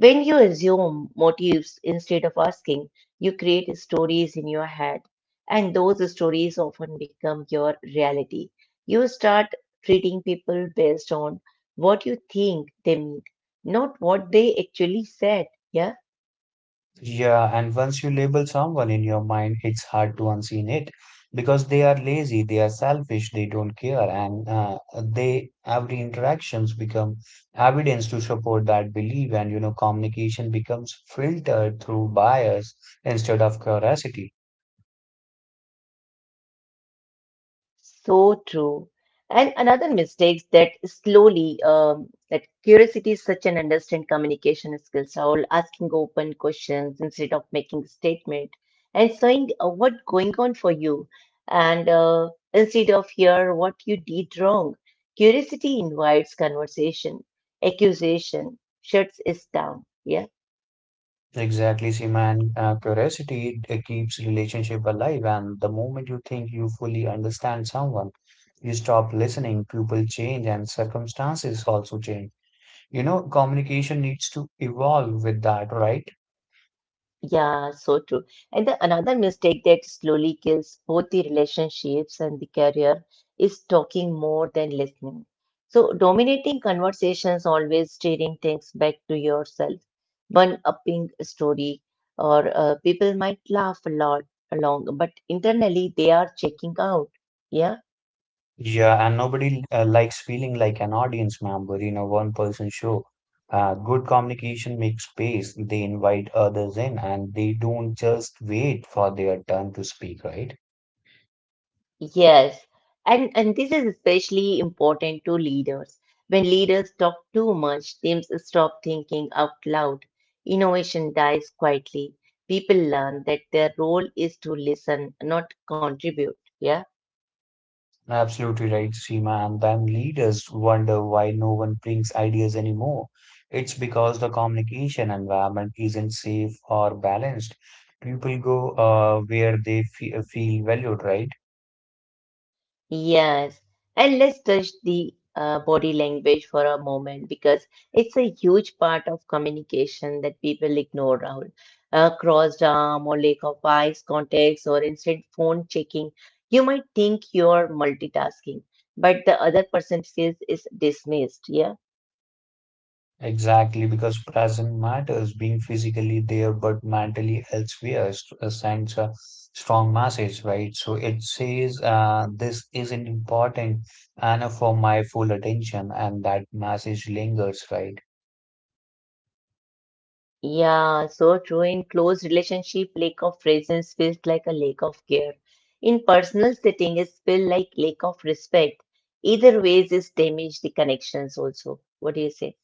Speaker 1: When you assume motives instead of asking, you create stories in your head, and those stories often become your reality. You start treating people based on what you think they mean, not what they actually said. Yeah.
Speaker 2: Yeah, and once you label someone in your mind, it's hard to unseen it because they are lazy, they are selfish, they don't care, and uh, they every interactions become evidence to support that belief, and you know communication becomes filtered through bias instead of curiosity.
Speaker 1: So true. And another mistake that slowly um, that curiosity is such an understand communication skill. So I'll asking open questions instead of making statement and showing uh, what going on for you and uh, instead of here what you did wrong. Curiosity invites conversation, accusation shuts us down. Yeah.
Speaker 2: Exactly, Seema, and uh, curiosity it keeps relationship alive, and the moment you think you fully understand someone, you stop listening, people change, and circumstances also change. You know, communication needs to evolve with that, right?
Speaker 1: Yeah, so true. And the, another mistake that slowly kills both the relationships and the career is talking more than listening. So, dominating conversations always steering things back to yourself, one upping story, or uh, people might laugh a lot along, but internally they are checking out. Yeah.
Speaker 2: Yeah, and nobody uh, likes feeling like an audience member in a one-person show. Uh, good communication makes space. They invite others in and they don't just wait for their turn to speak, right?
Speaker 1: Yes, and and this is especially important to leaders. When leaders talk too much, teams stop thinking out loud. Innovation dies quietly. People learn that their role is to listen, not contribute. Yeah.
Speaker 2: Absolutely right, Seema. And then leaders wonder why no one brings ideas anymore. It's because the communication environment isn't safe or balanced. People go uh, where they fe feel valued, right?
Speaker 1: Yes, and let's touch the uh, body language for a moment because it's a huge part of communication that people ignore, Rahul. A crossed arm or lack of eyes contacts or instant phone checking. You might think you're multitasking, but the other person feels is dismissed. Yeah.
Speaker 2: Exactly, because present matters, being physically there but mentally elsewhere s- uh, sends a strong message, right? So it says, uh, this isn't important enough for my full attention, and that message lingers, right?
Speaker 1: Yeah, so true. In close relationship, lack of presence feels like a lack of care. In personal setting, it feels like lack of respect. Either ways, is damage the connections also. What do you say?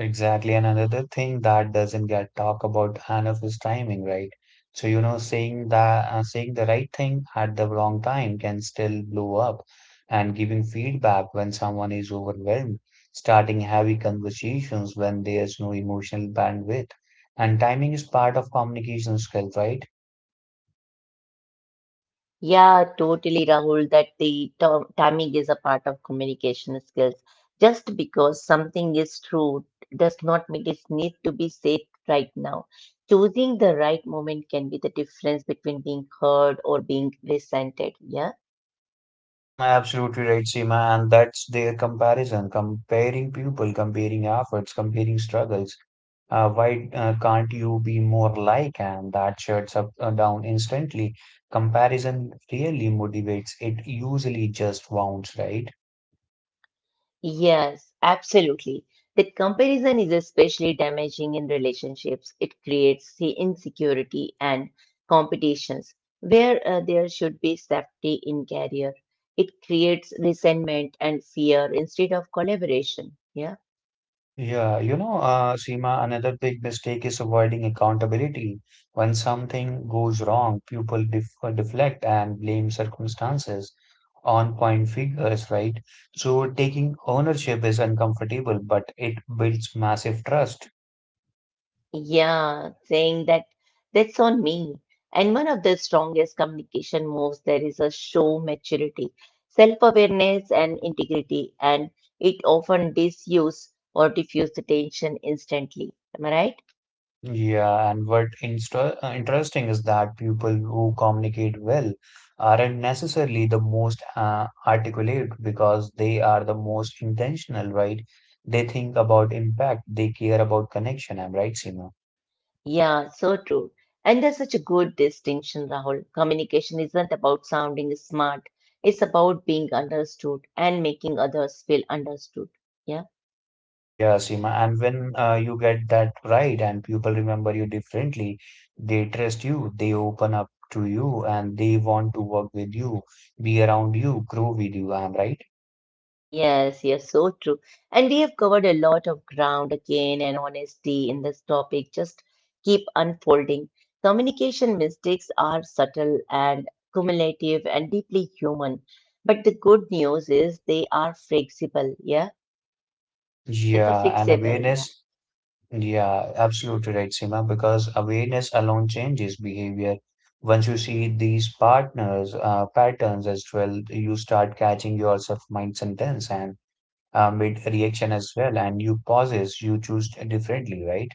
Speaker 2: Exactly. And another thing that doesn't get talked about enough is timing, right? So, you know, saying that uh, saying the right thing at the wrong time can still blow up and giving feedback when someone is overwhelmed, starting heavy conversations when there's no emotional bandwidth. And timing is part of communication skill, right?
Speaker 1: Yeah, totally, Rahul, that the to- timing is a part of communication skills. Just because something is true does not mean it needs to be said right now. Choosing the right moment can be the difference between being heard or being resented. Yeah.
Speaker 2: Absolutely right, Seema. And that's their comparison, comparing people, comparing efforts, comparing struggles. Uh, why uh, can't you be more like? And that shuts up uh, down instantly. Comparison really motivates. It usually just wounds, right?
Speaker 1: Yes, absolutely. The comparison is especially damaging in relationships. It creates the insecurity and competitions where uh, there should be safety in career. It creates resentment and fear instead of collaboration. Yeah.
Speaker 2: Yeah, you know, uh, Seema, another big mistake is avoiding accountability. When something goes wrong, people def uh, deflect and blame circumstances on point figures, right? So taking ownership is uncomfortable, but it builds massive trust.
Speaker 1: Yeah, saying that That's on me. And one of the strongest communication moves there is a show maturity, self awareness, and integrity. And it often disuse or diffuse the tension instantly. Am I right?
Speaker 2: Yeah, and what insta uh, interesting is that people who communicate well aren't necessarily the most uh, articulate because they are the most intentional, right? They think about impact, they care about connection. I'm right, Seema?
Speaker 1: Yeah, so true. And there's such a good distinction, Rahul. Communication isn't about sounding smart, it's about being understood and making others feel understood. Yeah.
Speaker 2: Yeah, Seema. And when uh, you get that right and people remember you differently, they trust you, they open up to you, and they want to work with you, be around you, grow with you. I'm right.
Speaker 1: Yes, yes, so true. And we have covered a lot of ground again and honesty in this topic. Just keep unfolding. Communication mistakes are subtle and cumulative and deeply human. But the good news is they are fixable. Yeah, it's a
Speaker 2: Yeah, and
Speaker 1: fixable. Yeah.
Speaker 2: awareness. Yeah, absolutely right, Seema, because awareness alone changes behavior. Once you see these partners, uh, patterns as well, you start catching yourself mid sentence and uh, mid reaction as well, and you pauses, you choose differently, right?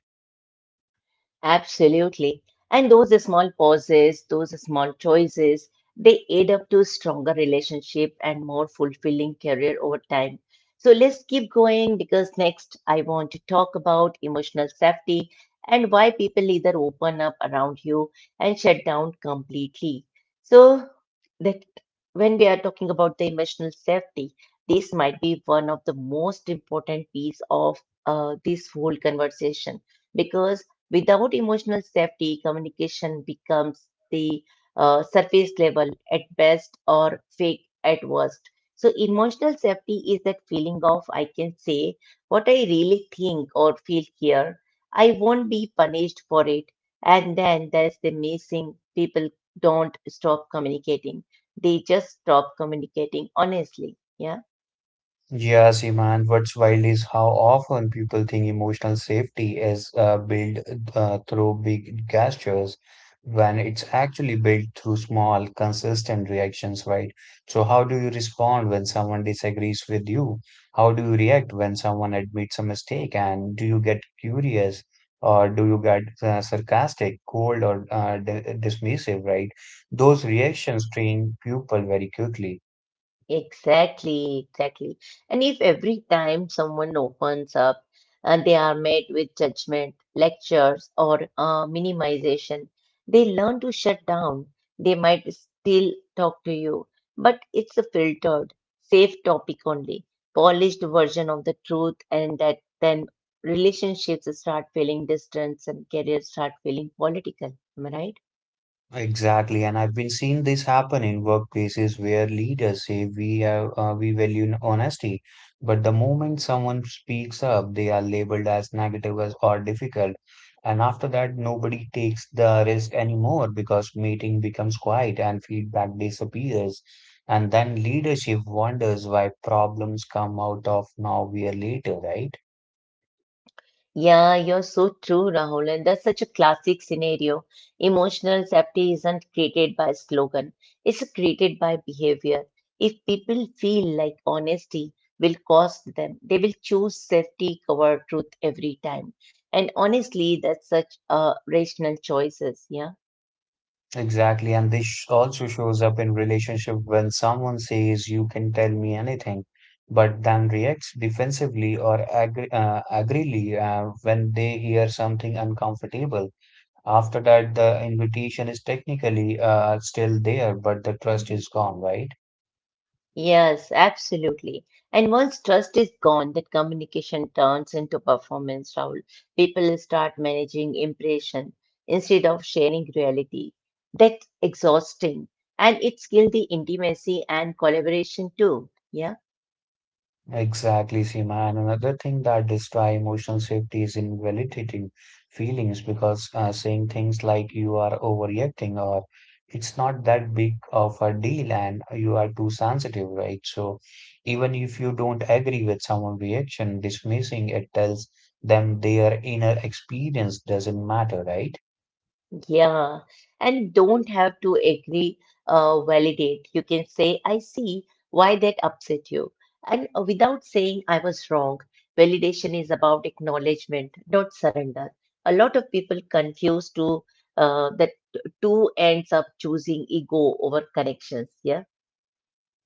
Speaker 1: Absolutely. And those small pauses, those small choices, they add up to stronger relationship and more fulfilling career over time. So let's keep going because next I want to talk about emotional safety and why people either open up around you and shut down completely. So that when we are talking about the emotional safety, this might be one of the most important piece of uh, this whole conversation because. Without emotional safety, communication becomes the uh, surface level at best or fake at worst. So, emotional safety is that feeling of I can say what I really think or feel here. I won't be punished for it. And then there's the missing people don't stop communicating, they just stop communicating honestly. Yeah.
Speaker 2: Yeah, Seema, and what's wild is how often people think emotional safety is uh, built uh, through big gestures when it's actually built through small, consistent reactions, right? So, how do you respond when someone disagrees with you? How do you react when someone admits a mistake? And do you get curious or do you get uh, sarcastic, cold, or uh, di dismissive, right? Those reactions train people very quickly.
Speaker 1: Exactly, exactly. And if every time someone opens up, uh, they are met with judgment, lectures, or uh, minimization, they learn to shut down. They might still talk to you, but it's a filtered, safe topic only, polished version of the truth, and that then relationships start feeling distant and careers start feeling political. Am I right?
Speaker 2: Exactly, and I've been seeing this happen in workplaces where leaders say we have uh, we value honesty, but the moment someone speaks up, they are labeled as negative as- or difficult, and after that, nobody takes the risk anymore because meeting becomes quiet and feedback disappears, and then leadership wonders why problems come out of nowhere later, right?
Speaker 1: Yeah, you're so true, Rahul, and that's such a classic scenario. Emotional safety isn't created by slogan, it's created by behavior. If people feel like honesty will cost them, they will choose safety cover truth every time. And honestly, that's such a rational choices, yeah.
Speaker 2: Exactly, and this sh- also shows up in relationship when someone says you can tell me anything, but then reacts defensively or agri uh, agrily uh, when they hear something uncomfortable. After that, the invitation is technically uh, still there, but the trust is gone, right?
Speaker 1: Yes, absolutely. And once trust is gone, that communication turns into performance, Rahul. People start managing impression instead of sharing reality. That's exhausting. And it's kills the intimacy and collaboration too. Yeah.
Speaker 2: Exactly, Seema. And another thing that destroy emotional safety is invalidating feelings because uh, saying things like you are overreacting or it's not that big of a deal and you are too sensitive, right? So even if you don't agree with someone's reaction, dismissing it tells them their inner experience doesn't matter, right?
Speaker 1: Yeah, and don't have to agree, uh, validate. You can say, I see why that upset you. And uh, without saying I was wrong, validation is about acknowledgement, not surrender. A lot of people confuse two, uh, that t- two ends up choosing ego over connections. Yeah.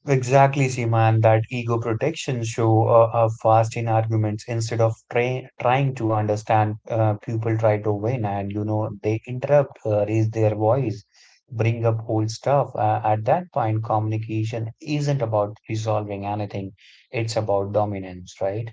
Speaker 2: Exactly, Seema, and that ego protection show uh, up fast in arguments instead of tra trying to understand. Uh, people try to win, and you know they interrupt, uh, raise their voice, bring up old stuff. Uh, at that point, communication isn't about resolving anything; it's about dominance, right?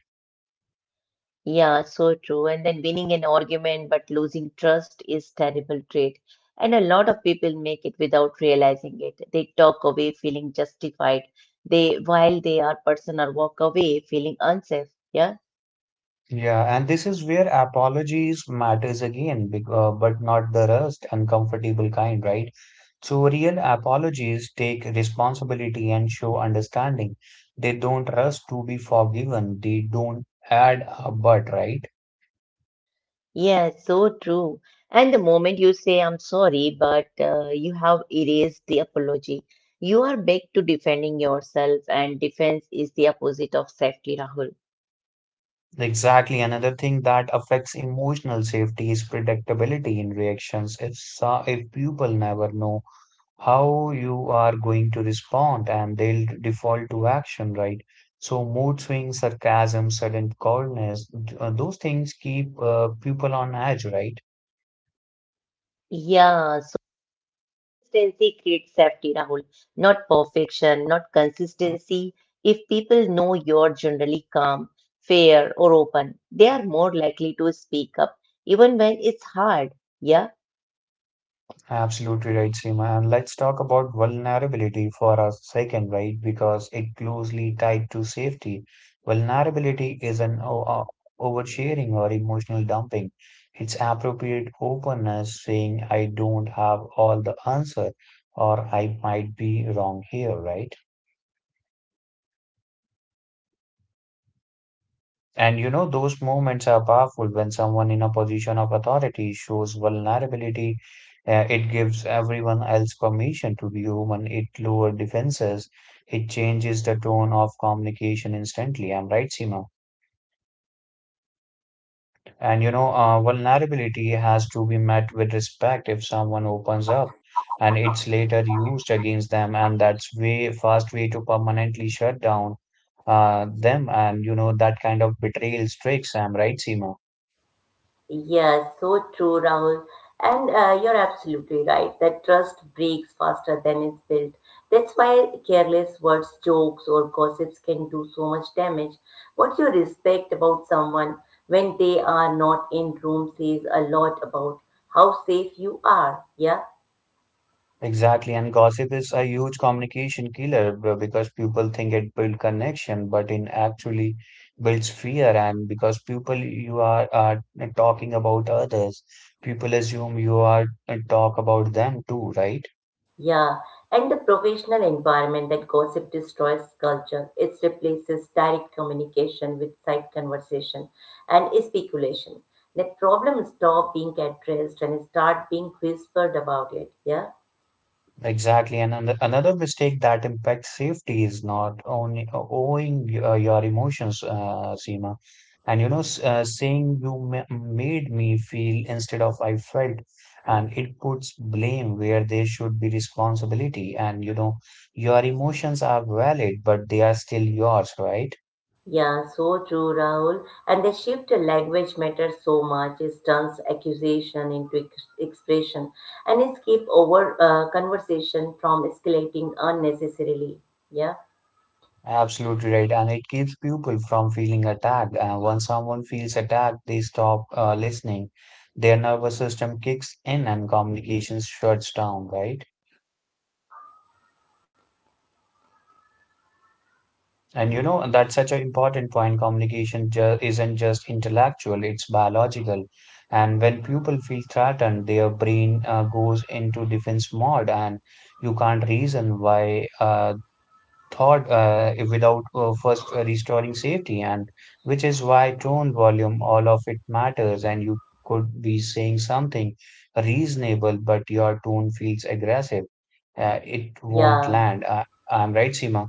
Speaker 1: Yeah, so true. And then winning an argument but losing trust is terrible trait. And a lot of people make it without realizing it. They talk away feeling justified. They while they are person or walk away feeling unsafe. Yeah.
Speaker 2: Yeah, and this is where apologies matters again, bec- uh, but not the rust, uncomfortable kind, right? So real apologies take responsibility and show understanding. They don't rush to be forgiven. They don't add a but, right?
Speaker 1: Yeah, so true. And the moment you say I'm sorry, but uh, you have erased the apology. You are back to defending yourself and defense is the opposite of safety, Rahul.
Speaker 2: Exactly. Another thing that affects emotional safety is predictability in reactions. If so, if people never know how you are going to respond and they'll default to action, right? So mood swings, sarcasm, sudden coldness, th- uh, those things keep uh, people on edge, right?
Speaker 1: Yeah, consistency creates safety, Rahul, not perfection, not consistency. If people know you're generally calm, fair, or open, they are more likely to speak up, even when it's hard. Yeah.
Speaker 2: Absolutely right, Seema. And let's talk about vulnerability for a second, right? Because it closely tied to safety. Vulnerability is an o- o- oversharing or emotional dumping. It's appropriate openness, saying, I don't have all the answer, or I might be wrong here, right? And you know, those moments are powerful when someone in a position of authority shows vulnerability. Uh, it gives everyone else permission to be human. It lowers defenses. It changes the tone of communication instantly. I'm right, Seema. And you know, uh, vulnerability has to be met with respect if someone opens up and it's later used against them. And that's way fast way to permanently shut down uh, them. And you know, that kind of betrayal strikes. I'm right, Seema.
Speaker 1: Yes, so true, Rahul. And uh, you're absolutely right that trust breaks faster than it's built. That's why careless words, jokes, or gossips can do so much damage. What you respect about someone when they are not in room says a lot about how safe you are. Yeah.
Speaker 2: Exactly, and gossip is a huge communication killer b- because people think it builds connection, but it actually builds fear. And because people you are uh, talking about others, people assume you are uh, talk about them too, right?
Speaker 1: Yeah, and the professional environment that gossip destroys culture. It replaces direct communication with side conversation and speculation. Let problems stop being addressed and start being whispered about it. Yeah,
Speaker 2: Exactly. And ano- another mistake that impacts safety is not only uh, owing uh, your emotions, uh, Seema. And you know, s- uh, saying you ma made me feel instead of I felt, and it puts blame where there should be responsibility. And you know, your emotions are valid, but they are still yours, right?
Speaker 1: yeah, so true, Rahul. And the shift in language matters so much. It turns accusation into ex- expression and it keep over uh, conversation from escalating unnecessarily. Yeah,
Speaker 2: Absolutely right. And it keeps people from feeling attacked. And once someone feels attacked, they stop uh, listening. Their nervous system kicks in and communication shuts down, right? And you know, that's such an important point. Communication ju isn't just intellectual, it's biological. And when people feel threatened, their brain uh, goes into defense mode, and you can't reason why uh, thought uh, without uh, first uh, restoring safety, and which is why tone, volume, all of it matters. And you could be saying something reasonable, but your tone feels aggressive. Uh, it won't
Speaker 1: yeah.
Speaker 2: land. Uh, I'm right, Seema.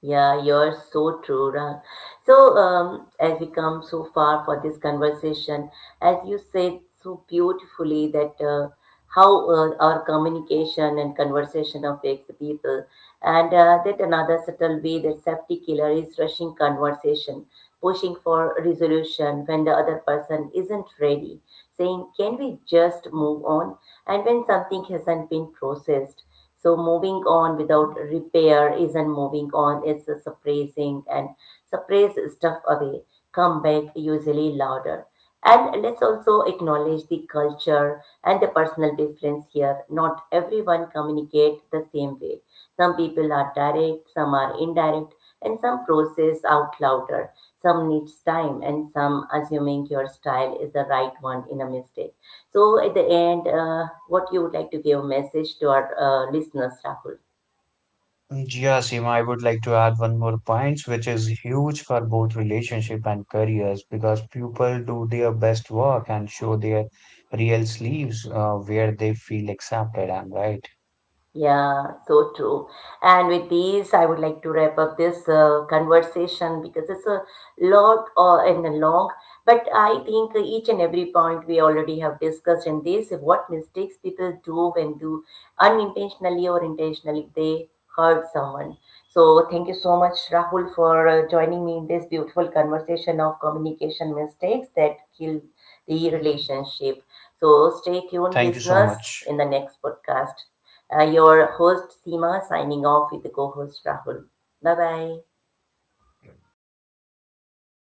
Speaker 1: Yeah, you're so true, Rahul. So, um, as we come so far for this conversation, as you said so beautifully that uh, how uh, our communication and conversation affects the people, and uh, that another subtle way that safety killer is rushing conversation, pushing for resolution when the other person isn't ready, saying, "Can we just move on?" and when something hasn't been processed. So moving on without repair isn't moving on, it's a suppressing and suppress stuff away, come back usually louder. And let's also acknowledge the culture and the personal difference here. Not everyone communicate the same way. Some people are direct, some are indirect, and some process out louder. Some needs time, and some assuming your style is the right one in a mistake. So, at the end, uh, what you would like to give a message to our uh, listeners, Rahul?
Speaker 2: Yeah, Seema, I would like to add one more point, which is huge for both relationship and careers because people do their best work and show their real sleeves uh, where they feel accepted and right.
Speaker 1: Yeah, so true. And with these, I would like to wrap up this uh, conversation because it's a lot uh, and a long, but I think each and every point we already have discussed in this, what mistakes people do when do unintentionally or intentionally they hurt someone. So thank you so much, Rahul, for uh, joining me in this beautiful conversation of communication mistakes that kill the relationship. So stay tuned,
Speaker 2: Thank you so
Speaker 1: listeners,
Speaker 2: much.
Speaker 1: in the next podcast. Uh, your host Seema signing off with co host Rahul. Bye bye.